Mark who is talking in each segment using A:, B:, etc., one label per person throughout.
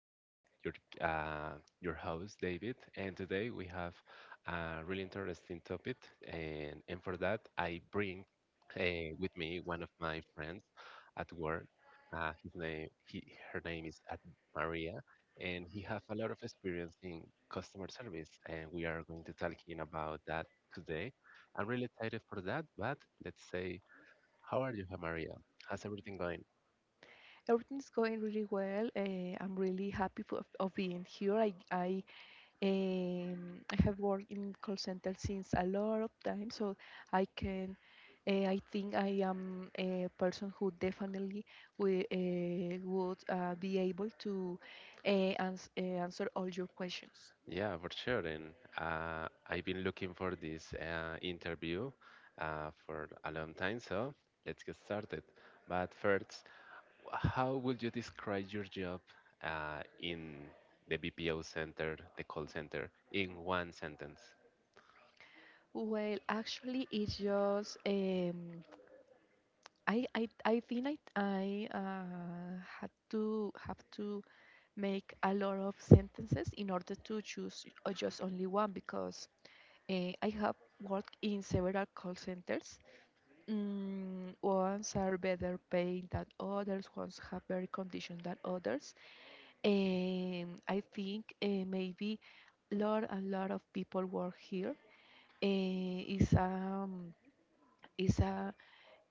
A: I'm your uh, your host David, and today we have a really interesting topic, and for that I bring with me one of my friends at work. Uh, his name, he, her name is Maria, and he has a lot of experience in customer service, and we are going to talking about that today. I'm really excited for that, but let's say, how are you, Maria? How's everything going?
B: Everything's going really well. I'm really happy for, of being here. I have worked in call center since a lot of time, so I can. I think I am a person who definitely will, would be able to answer all your questions.
A: Yeah, for sure. And I've been looking for this interview for a long time, so let's get started. But first, how would you describe your job in the BPO center, the call center, in one sentence?
B: Well, actually, it's just I think I had to have to make a lot of sentences in order to choose just only one because I have worked in several call centers. Ones are better paid than others, ones have better conditions than others. And I think maybe a lot and lot of people work here. Eh, it's um it's a,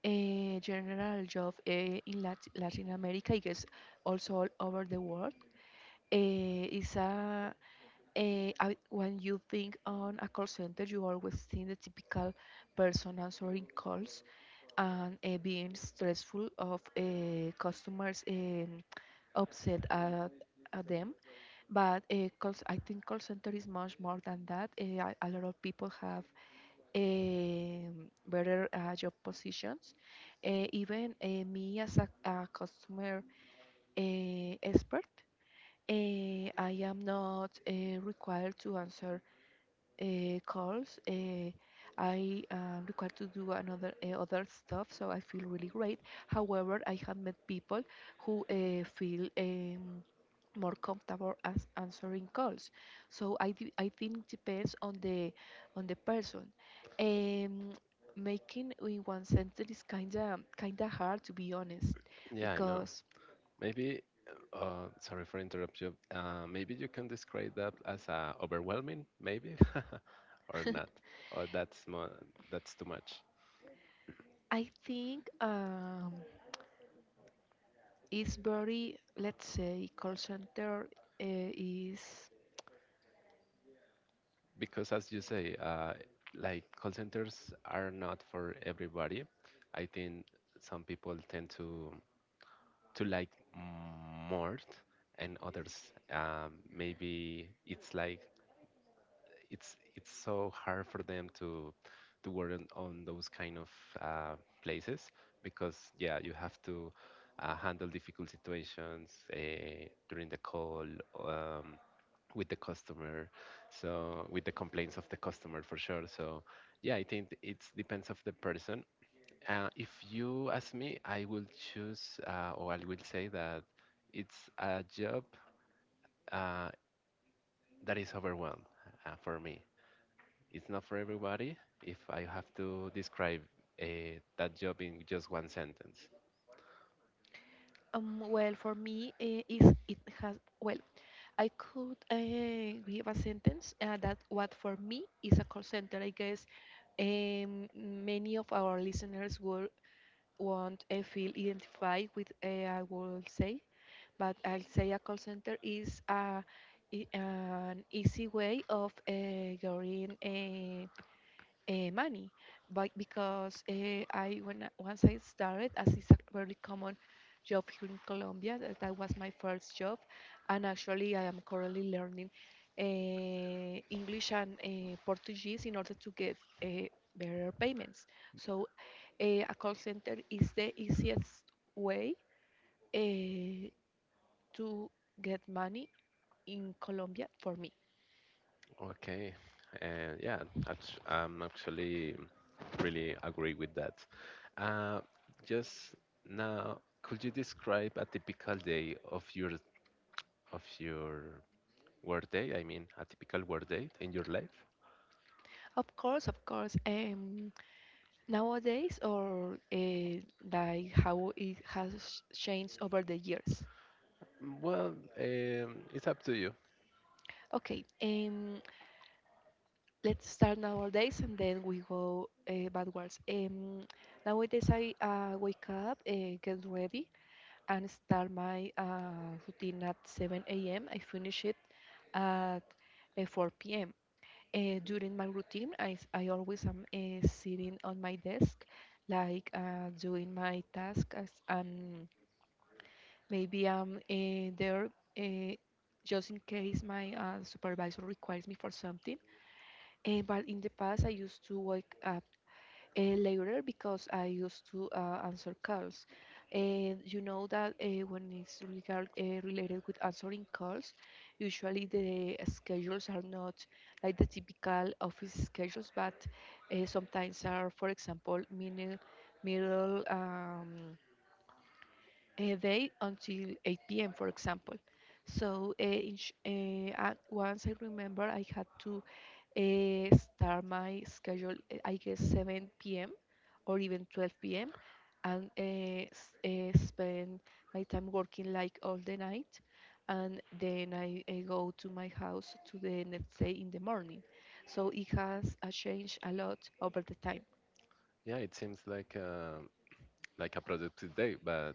B: eh, general job in Latin America, I guess also all over the world. Eh, it's a Eh, I, When you think on a call center, you always think the typical person answering calls and being stressful of customers upset at them. But I think call center is much more than that. A lot of people have better job positions. Even me as a customer expert, I am not required to answer calls. I am required to do another other stuff, so I feel really great. However, I have met people who feel more comfortable as answering calls. So I think depends on the person. Um, Making in one sentence is kinda hard to be honest,
A: Yeah, I know.
B: because
A: Maybe, sorry for interrupt you. Maybe you can describe that as overwhelming, maybe, or not, or that's more, that's too much.
B: I think it's very let's say call center uh, is
A: Because as you say, like call centers are not for everybody. I think some people tend to like more, and others, maybe it's like it's so hard for them to to work on those kind of uh, places, because yeah, you have to handle difficult situations during the call, um, with the customer, so with the complaints of the customer, for sure. So yeah, I think it depends of the person. If you ask me, I will say that it's a job uh, that is overwhelmed. For me it's not for everybody, if I have to describe that job in just one sentence.
B: Um, Well, for me, is it has well, I could give a sentence that what for me is a call center. I guess many of our listeners will won't feel identified with. I will say, but I'll say a call center is an easy way of getting money but because I when once I started as it's a very common job here in Colombia that, that was my first job and actually I am currently learning English and Portuguese in order to get uh, better payments so a call center is the easiest way uh, to get money in Colombia for me.
A: Okay. And yeah, I'm actually really agree with that. Uh, just now, could you describe a typical day of your work day? I mean, a typical work day in your life?
B: Of course, of course, nowadays or like how it has changed over the years.
A: Well, it's up to you.
B: Okay, let's start nowadays and then we go backwards. Nowadays I wake up, get ready, and start my routine at 7 a.m. I finish it at 4 p.m. During my routine, I always am sitting on my desk, like doing my tasks. And maybe I'm there eh, just in case my supervisor requires me for something. But in the past, I used to wake up later because I used to answer calls. And you know that when it's related with answering calls, usually the schedules are not like the typical office schedules, but sometimes are, for example, middle a day until 8 p.m., for example. So, in sh- and once I remember, I had to start my schedule, I guess 7 p.m. or even 12 p.m. and spend my time working like all the night. And then I go to my house to the next day in the morning. So it has changed a lot over the time.
A: Yeah, it seems like a productive day, but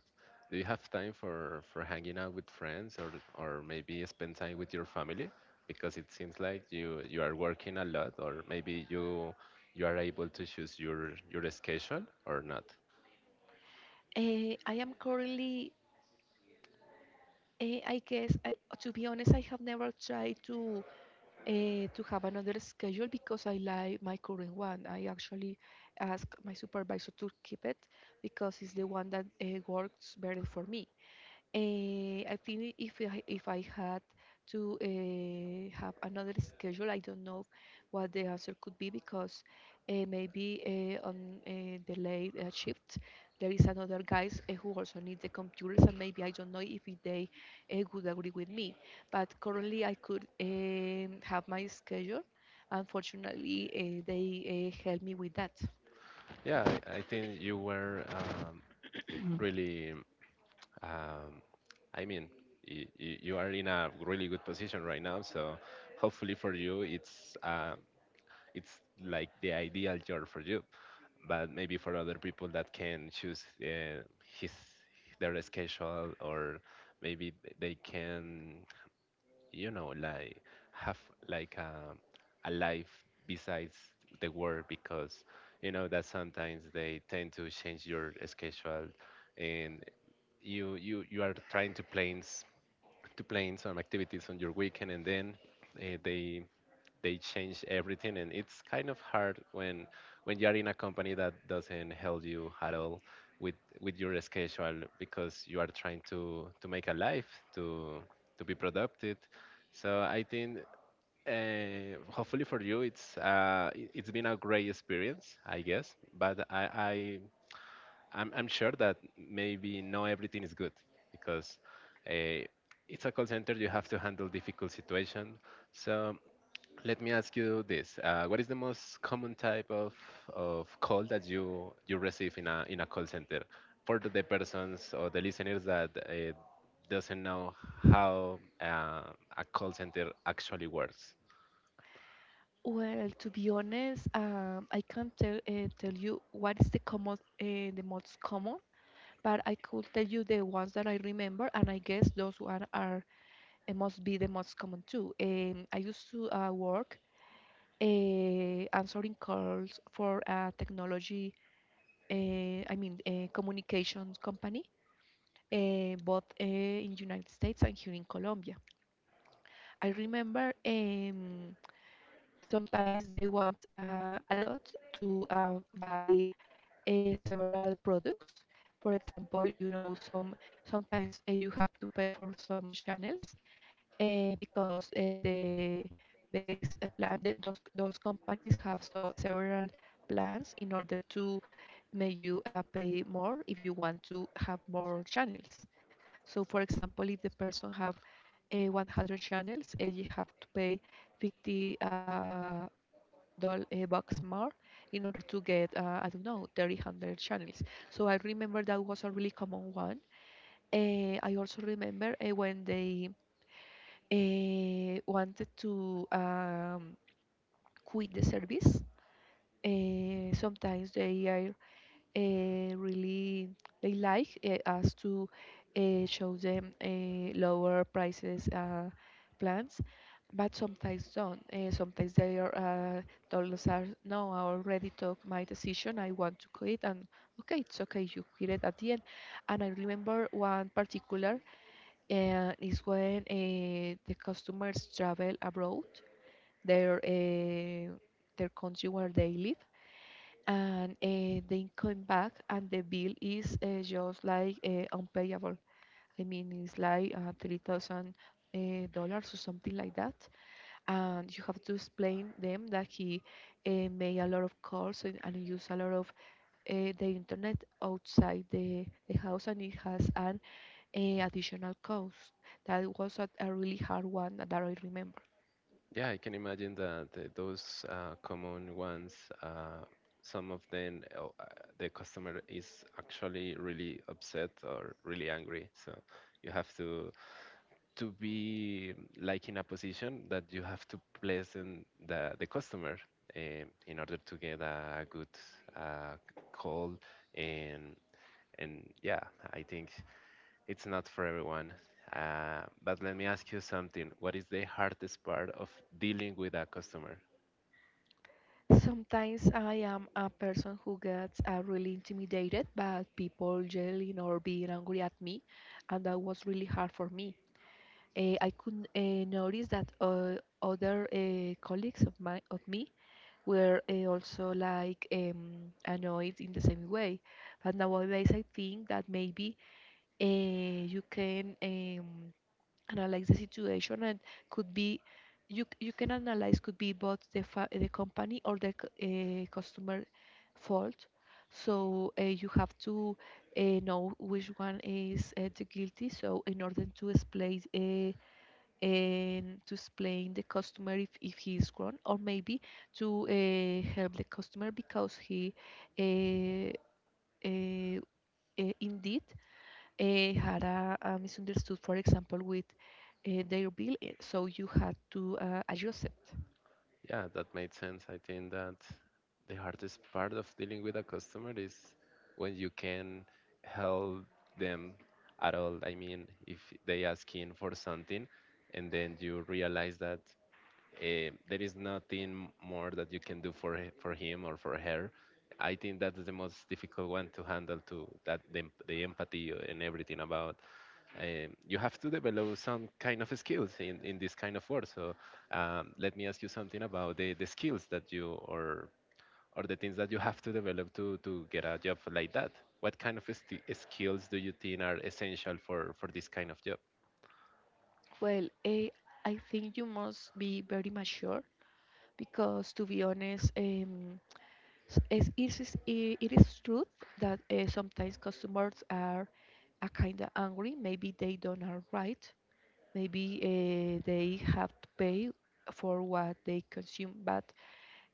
A: do you have time for hanging out with friends, or maybe spend time with your family? Because it seems like you are working a lot, or maybe you are able to choose your schedule or not.
B: Eh, I am currently Eh, I guess, to be honest, I have never tried to have another schedule because I like my current one. I actually ask my supervisor to keep it because it's the one that works better for me. I think if if I had to have another schedule, I don't know what the answer could be because maybe on the late shift there is another guys who also need the computers, and maybe I don't know if they would agree with me. But currently, I could have my schedule. Unfortunately, they help me with that.
A: Yeah, I think you were, really. Um, I mean, you are in a really good position right now, so hopefully for you, it's like the ideal job for you. But maybe for other people that can choose his their schedule, or maybe they can, you know, like, have like a life besides the work, because you know that sometimes they tend to change your schedule and you are trying to plan some activities on your weekend, and then uh, they they change everything, and it's kind of hard when you're in a company that doesn't help you at all with with your schedule, because you are trying to make a life, to be productive. So I think hopefully for you it's been a great experience, I guess, but i I'm sure that maybe not everything is good, because uh, it's a call center, you have to handle difficult situation. So let me ask you this: what is the most common type of call that you receive in a call center, for the persons or the listeners that doesn't know how a call center actually works?
B: Well, to be honest, I can't tell you what is the common the most common, but I could tell you the ones that I remember, and I guess those one are must be the most common too. I used to work answering calls for a technology, I mean, a communications company, both in United States and here in Colombia. I remember. Sometimes they want a lot to buy several products. For example, you know, sometimes you have to pay for some channels because the base plan those companies have so several plans in order to make you pay more if you want to have more channels. So, for example, if the person have 100 channels, you have to pay 50. Doll Box more in order to get I don't know 300 channels. So I remember that was a really common one. I also remember when they wanted to quit the service. Sometimes they are really they like us to show them lower prices plans but sometimes don't sometimes they are told us are, no I already took my decision I want to quit and okay it's okay you quit it at the end. And I remember one particular is when the customers travel abroad their uh, their country where they live and they come back and the bill is just like unpayable. I mean, it's like 3,000 dollars or something like that, and you have to explain them that he made a lot of calls and used a lot of the internet outside the house, and it has an additional cost. That was a really hard one that I remember.
A: Yeah, I can imagine that those common ones, uh, some of them, the customer is actually really upset or really angry. So you have to be like in a position that you have to pleasant the customer, in order to get a good uh, call. and and yeah, I think it's not for everyone. But let me ask you something: what is the hardest part of dealing with a customer?
B: Sometimes I am a person who gets really intimidated by people yelling or being angry at me, and that was really hard for me. I could notice that other colleagues of me were also like annoyed in the same way. But nowadays, I think that maybe you can analyze the situation, and could be you can analyze could be both the company or customer fault, so you have to know which one is the guilty so in order to explain and to explain the customer if he is wrong or maybe to help the customer because he uh, uh, indeed had a misunderstood, for example, with their bill, so you had to adjust it.
A: Yeah, that made sense. I think that the hardest part of dealing with a customer is when you can help them at all. I mean, if they asking for something, and then you realize that there is nothing more that you can do for for him or for her, I think that's the most difficult one to handle too. That the empathy and everything about, you have to develop some kind of skills in this kind of work. So, let me ask you something about the skills that you or the things that you have to develop to get a job like that. What kind of skills do you think are essential for this kind of job?
B: Well, I think you must be very mature because, to be honest, it is, it is true that sometimes customers are a kind of angry. Maybe they don't are right. Maybe they have to pay for what they consume, but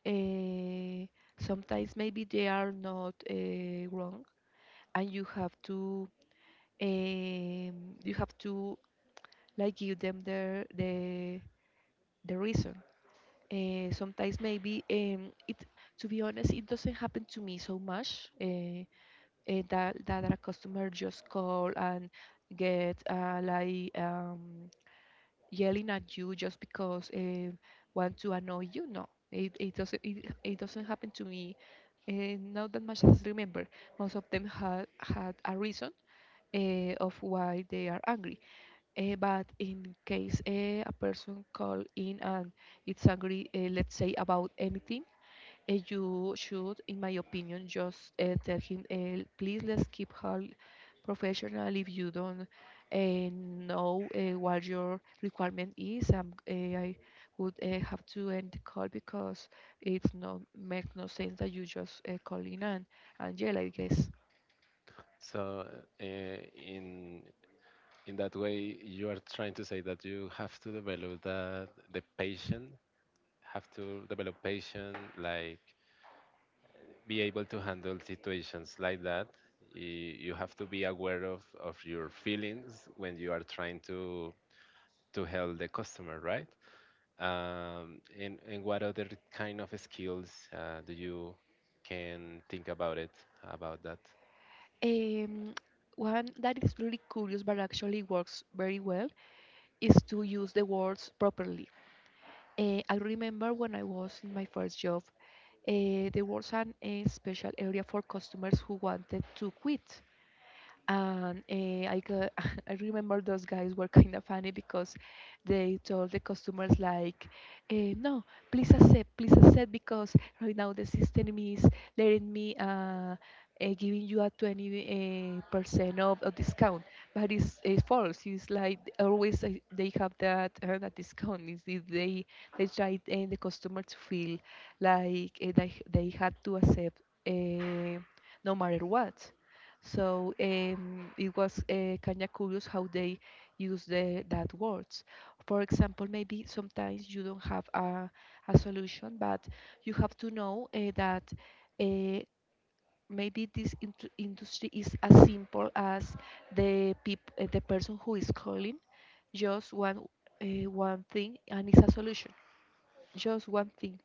B: uh, sometimes maybe they are not wrong and you have to um, you have to like give them their the reason. Sometimes maybe it to be honest it doesn't happen to me so much that a customer just call and get like yelling at you just because want to annoy you. No, it doesn't it doesn't happen to me. Not that much as I remember. Most of them had a reason of why they are angry. But in case a person call in and it's angry, let's say about anything, you should, in my opinion, just tell him, please let's keep her professional. If you don't know what your requirement is, I would have to end the call because it's not makes no sense that you just call in and yell, I guess.
A: So uh, in in that way, you are trying to say that you have to develop the patient, have to develop patient, like, be able to handle situations like that. You have to be aware of your feelings when you are trying to help the customer, right? And what other kind of skills do you can think about it about that?
B: Um, One that is really curious but actually works very well is to use the words properly. I remember when I was in my first job, there was a special area for customers who wanted to quit, and I got, I remember those guys were kind of funny because they told the customers like, "No, please accept, because right now the system is letting me giving you a 20 percent of discount, but it's false. It's like always they have that discount. Is they try the customer to feel like they had to accept." No matter what. It was kind of curious how they use that words. For example, maybe sometimes you don't have a solution, but you have to know that uh, maybe this industry is as simple as the the person who is calling just one one thing and it's a solution, just one thing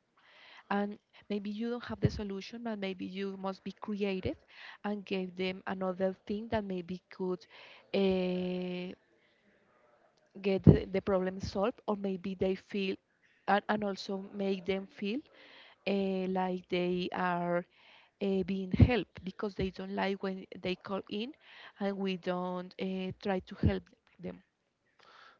B: and maybe you don't have the solution but maybe you must be creative and give them another thing that maybe could uh, get the problem solved or maybe they feel and also make them feel like they are being helped because they don't like when they call in and we don't try to help them.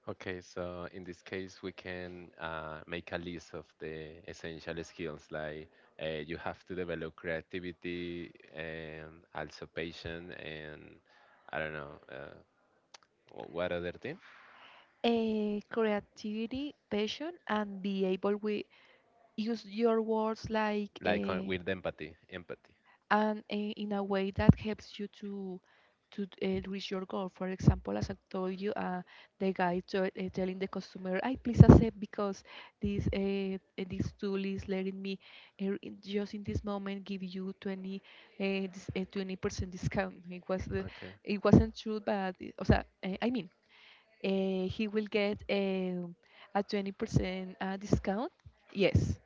A: Okay, so in this case, we can, make a list of the essential skills, like, you have to develop creativity and also patience, and I don't know. What other thing?
B: Creativity, passion, and be able to use your words like
A: Like on, with empathy, empathy.
B: and in a way that helps you to to reach your goal. For example, as I told you, the guy telling the customer, "I please accept because this this tool is letting me just in this moment give you 20 20% discount." It was the,
A: Okay.
B: it wasn't true, but o sea, I mean, he will get a 20% discount. Yes,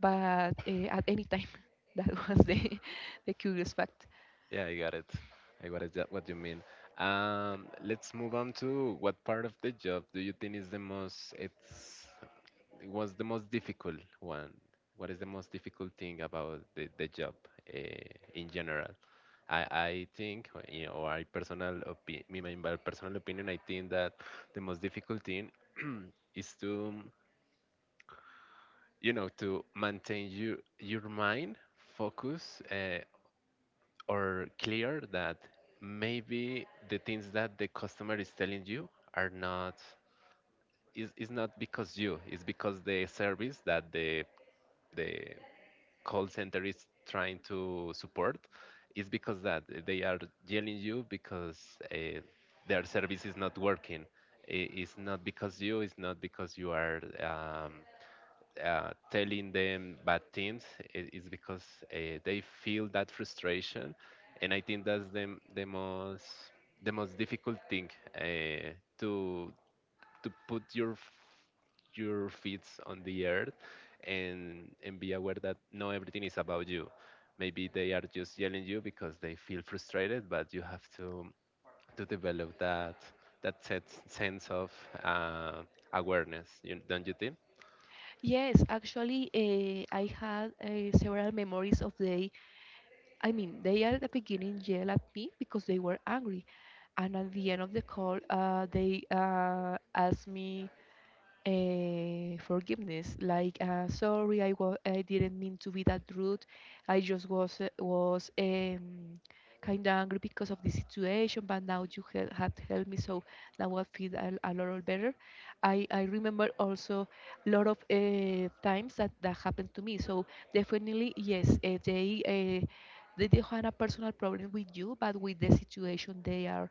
B: but at any time. That was the, the curious fact.
A: Yeah, I got it. I got it. What you mean? Let's move on to what part of the job do you think is the most? It's it was the most difficult one. What is the most difficult thing about the job uh, in general? I think, or, you know, or I personal opi- me- my personal opinion, I think that the most difficult thing is to, you know, to maintain your mind focused, or clear, that maybe the things that the customer is telling you are not, is not because you, it's because the service that the call center is trying to support, is because that they are yelling you because uh, their service is not working. It's not because you, it's not because you are, telling them bad things. Is because they feel that frustration, and I think that's the most, the most difficult thing, uh, to to put your your feet on the earth, and be aware that not everything is about you. Maybe they are just yelling you because they feel frustrated, but you have to develop that that sense of uh, awareness. You, don't you think?
B: Yes, actually, I had several memories of they. I mean, they at the beginning yelled at me because they were angry, and at the end of the call, they asked me forgiveness like sorry I didn't mean to be that rude. I just was kind of angry because of the situation, but now you had helped me, so now I feel a lot better. I remember also a lot of times that that happened to me. So definitely yes, uh, they don't have a personal problem with you but with the situation they are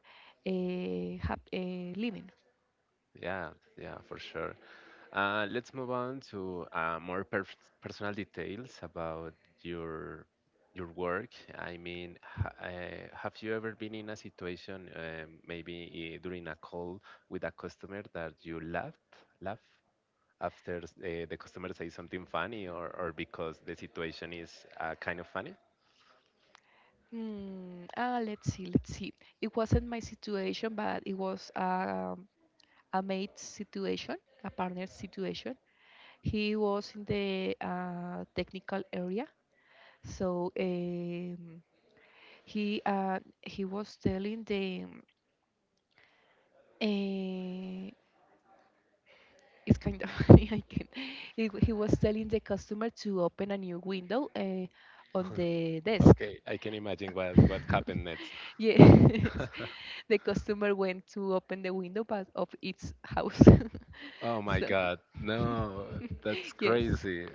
B: living.
A: Yeah, yeah, for sure. Let's move on to more personal details about your your work. I mean, have you ever been in a situation, maybe during a call with a customer, that you laughed, laugh after the customer says something funny, or because the situation is kind of funny?
B: Hmm. Let's see. Let's see. It wasn't my situation, but it was a mate situation, a partner situation. He was in the technical area, so he was telling the uh, it's kind of, I can, he was telling the customer to open a new window on the desk.
A: Okay, I can imagine what happened next.
B: Yes, the customer went to open the window but of its house.
A: Oh my
B: so
A: God, no, that's
B: yes.
A: crazy.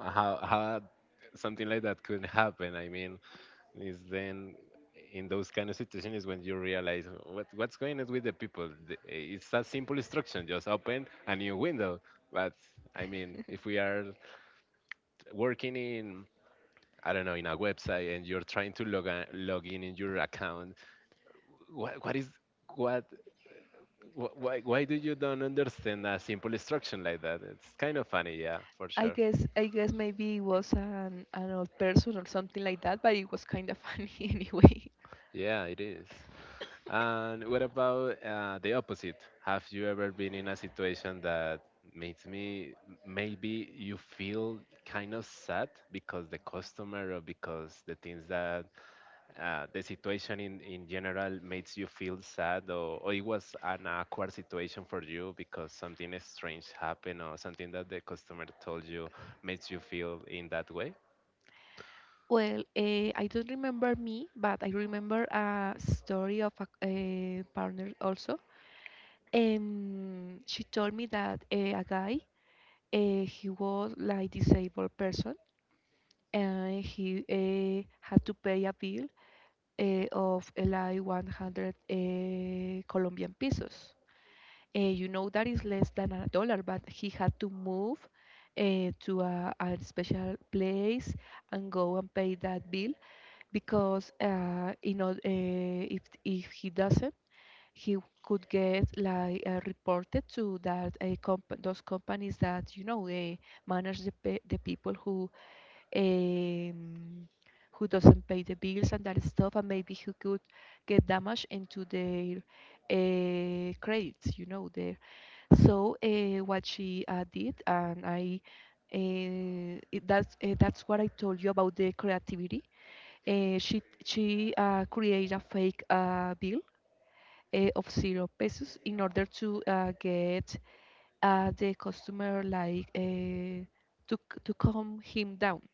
A: How something like that could happen? I mean, is then in those kind of situations when you realize what what's going on with the people. It's a simple instruction: just open a new window. But I mean, if we are working in, I don't know, in a website, and you're trying to log in your account, what is what why do you don't understand a simple instruction like that? It's kind of funny, yeah, for
B: I
A: sure.
B: guess I guess maybe it was an old person or something like that, but it was kind of funny anyway.
A: Yeah, it is. And what about the opposite? Have you ever been in a situation that makes me maybe you feel kind of sad, because the customer, or because the things that, the situation in general makes you feel sad, or it was an awkward situation for you because something strange happened or something that the customer told you makes you feel in that way?
B: Well, I don't remember me, but I remember a story of a partner also. She told me that a guy, he was like disabled person, and he had to pay a bill of like 100 Colombian pesos. You know that is less than a dollar, but he had to move to a special place and go and pay that bill because you know if he doesn't, he could get like reported to that those companies that you know manage the pe- the people um, who doesn't pay the bills and that stuff, and maybe who could get damage into their credits, you know, there. So what she did, and I. It, that's what I told you about the creativity. She created a fake bill of zero pesos in order to get the customer like to calm him down,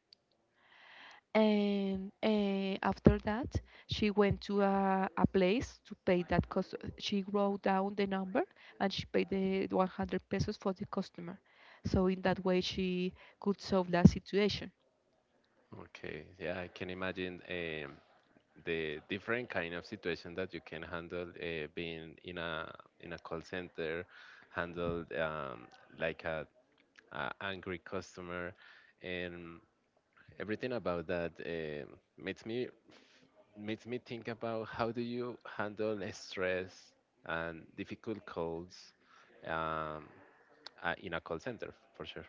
B: and after that she went to a place to pay that cost. She wrote down the number and she paid the 100 pesos for the customer, so in that way she could solve that situation.
A: Okay, yeah, I can imagine. The different kind of situation that you can handle being in a call center, handled, like a angry customer, and everything about that, um, makes me think about how do you handle stress and difficult calls, um, in a call center, for sure.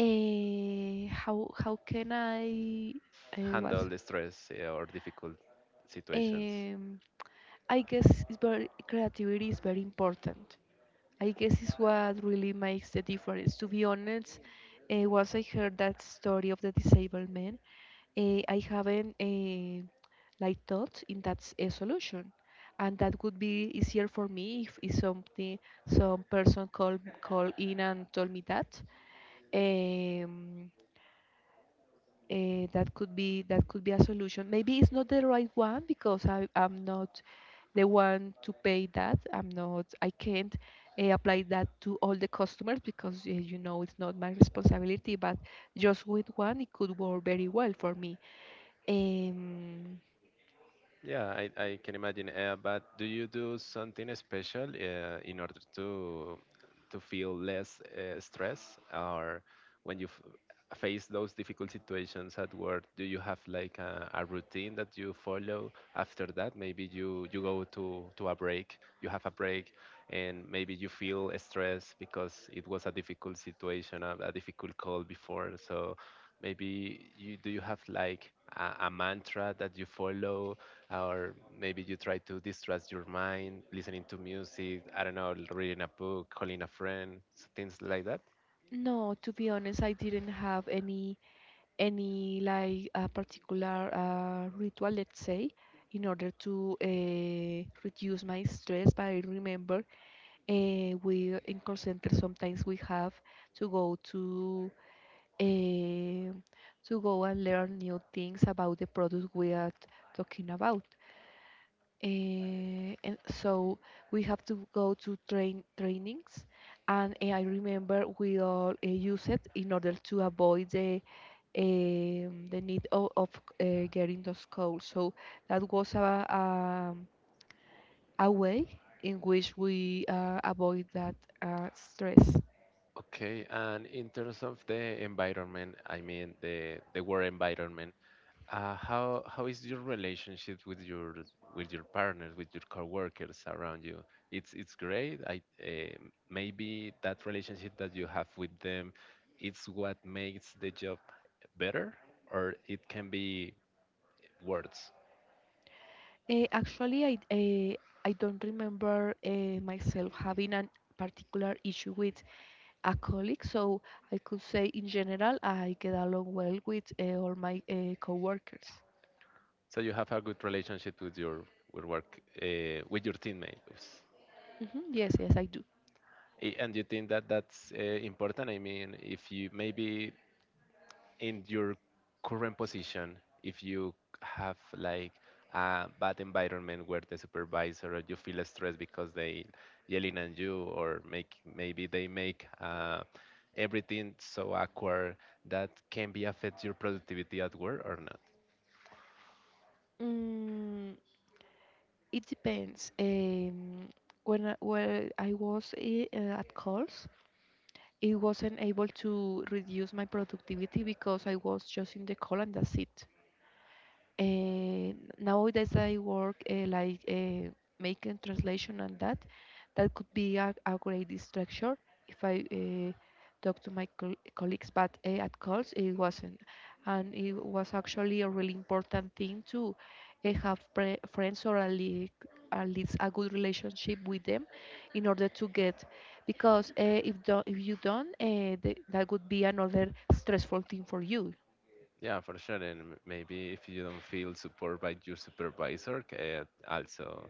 B: Eh, how can I what
A: Handle the stress or difficult situations.
B: Um, I guess it's very, creativity is very important. I guess it's what really makes the difference. To be honest, once I heard that story of the disabled man, I haven't like thought in a solution, and that would be easier for me if something, some person call in and told me that. Um, that could be, that could be a solution. Maybe it's not the right one because I am not the one to pay that. I'm not. I can't apply that to all the customers because you know it's not my responsibility. But just with one, it could work very well for me. Um,
A: Yeah, I can imagine. But do you do something special in order to feel less stress, or when you f face those difficult situations at work, do you have like a routine that you follow after that? Maybe you go to a break, you have a break, and maybe you feel stressed because it was a difficult situation, a difficult call before. So maybe you, do you have like a mantra that you follow? Or maybe you try to distress your mind listening to music, I don't know, reading a book, calling a friend, things like that.
B: No, to be honest, I didn't have any like a particular ritual, let's say, in order to reduce my stress. But I remember we in call center sometimes we have to go to uh, go and learn new things about the product we are talking about. And so we have to go to trainings, and I remember we all use it in order to avoid the need of getting those calls. So that was a way in which we avoid that stress.
A: Okay, and in terms of the environment, I mean, the work environment, how is your relationship with your partners, with your coworkers around you? It's great, maybe that relationship that you have with them, it's what makes the job better, or it can be worse.
B: Actually, I don't remember myself having a particular issue with a colleague. So I could say in general, I get along well with all my coworkers.
A: So you have a good relationship with your with work, with your teammates.
B: Mhm, yes, yes, I do.
A: And you think that that's important. I mean, if you maybe in your current position, if you have like a bad environment where the supervisor, or you feel stressed because they yelling at you, or make maybe they make everything so awkward, that can be affect your productivity at work or not.
B: Mm, it depends. When I was at calls, it wasn't able to reduce my productivity because I was just in the call and that's it. And nowadays I work like making translation and that. That could be a great distraction if I talk to my colleagues, but at calls it wasn't. And it was actually a really important thing to have pre friends or at least a good relationship with them in order to get, because if, do if you don't, that would be another stressful thing for you.
A: Yeah, for sure. And maybe if you don't feel support by your supervisor, also,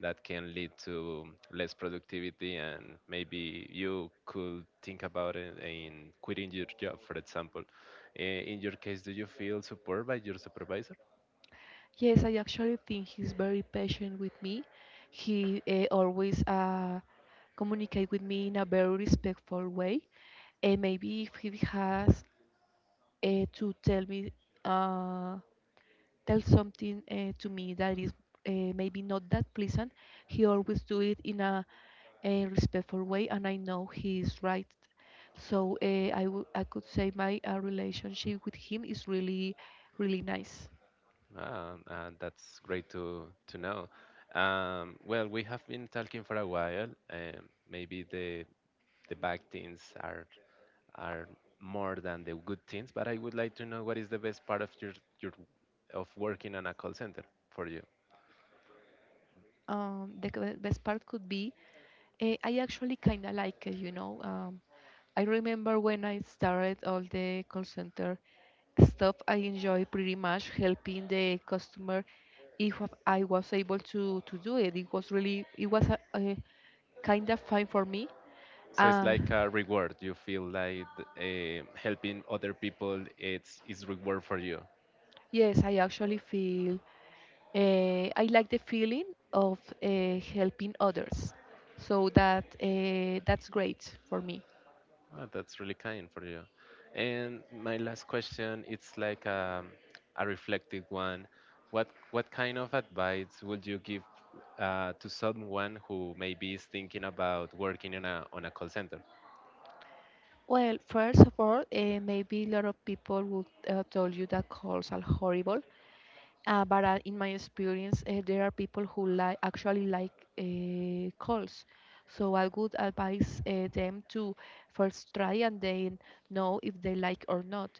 A: that can lead to less productivity, and maybe you could think about it in quitting your job, for example. In your case, do you feel support by your supervisor?
B: Yes, I actually think he's very patient with me. He always communicate with me in a very respectful way. And maybe if he has to tell me uh, tell something to me that is maybe not that pleasant, he always do it in a respectful way, and I know he is right. So I could say my relationship with him is really really nice.
A: Ah, that's great to know. Well, we have been talking for a while. Maybe the bad things are more than the good things, but I would like to know what is the best part of your of working on a call center for you.
B: The best part could be, I actually kind of like it, you know. I remember when I started all the call center stuff, I enjoy pretty much helping the customer if I was able to do it. It was really, it was a kind of fine for me.
A: So it's
B: Uh,
A: like a reward. You feel like, helping other people. It's is reward for you.
B: yes, I actually feel I like the feeling of helping others, so that that's great for me.
A: Oh, that's really kind for you. And my last question, it's like, um, a reflective one. What kind of advice would you give to someone who maybe is thinking about working on a call center?
B: Well, first of all, maybe a lot of people would tell you that calls are horrible. But in my experience, there are people who like actually like calls. So I would advise them to first try and then know if they like or not.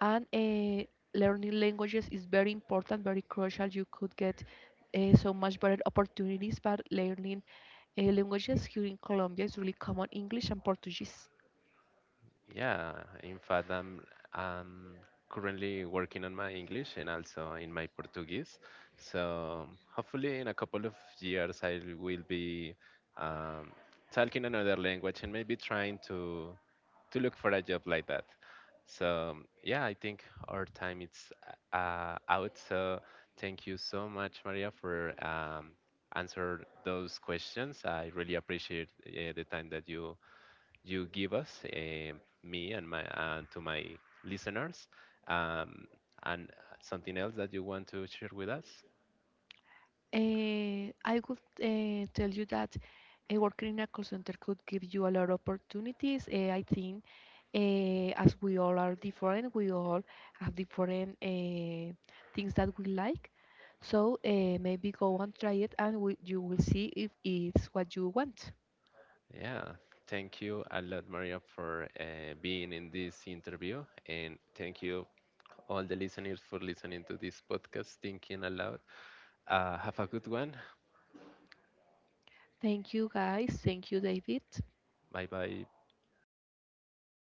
B: And learning languages is very important, very crucial. You could get so much better opportunities by learning languages here in Colombia. It's really common English and Portuguese.
A: Yeah, in fact, I'm currently working on my English and also in my Portuguese. So hopefully, in a couple of years, I will be, um, talking another language, and maybe trying to look for a job like that. So yeah, I think our time is out. So thank you so much, Maria, for, answer those questions. I really appreciate the time that you give us, me and my and to my listeners, um, and something else that you want to share with us.
B: I would tell you that working in a call center could give you a lot of opportunities. I think as we all are different, we all have different things that we like. So maybe go and try it, and we, you will see if it's what you want.
A: Yeah, thank you a lot, Maria, for being in this interview, and thank you all the listeners for listening to this podcast, Thinking Aloud. Have a good one.
B: Thank you, guys. Thank you, David.
A: Bye bye.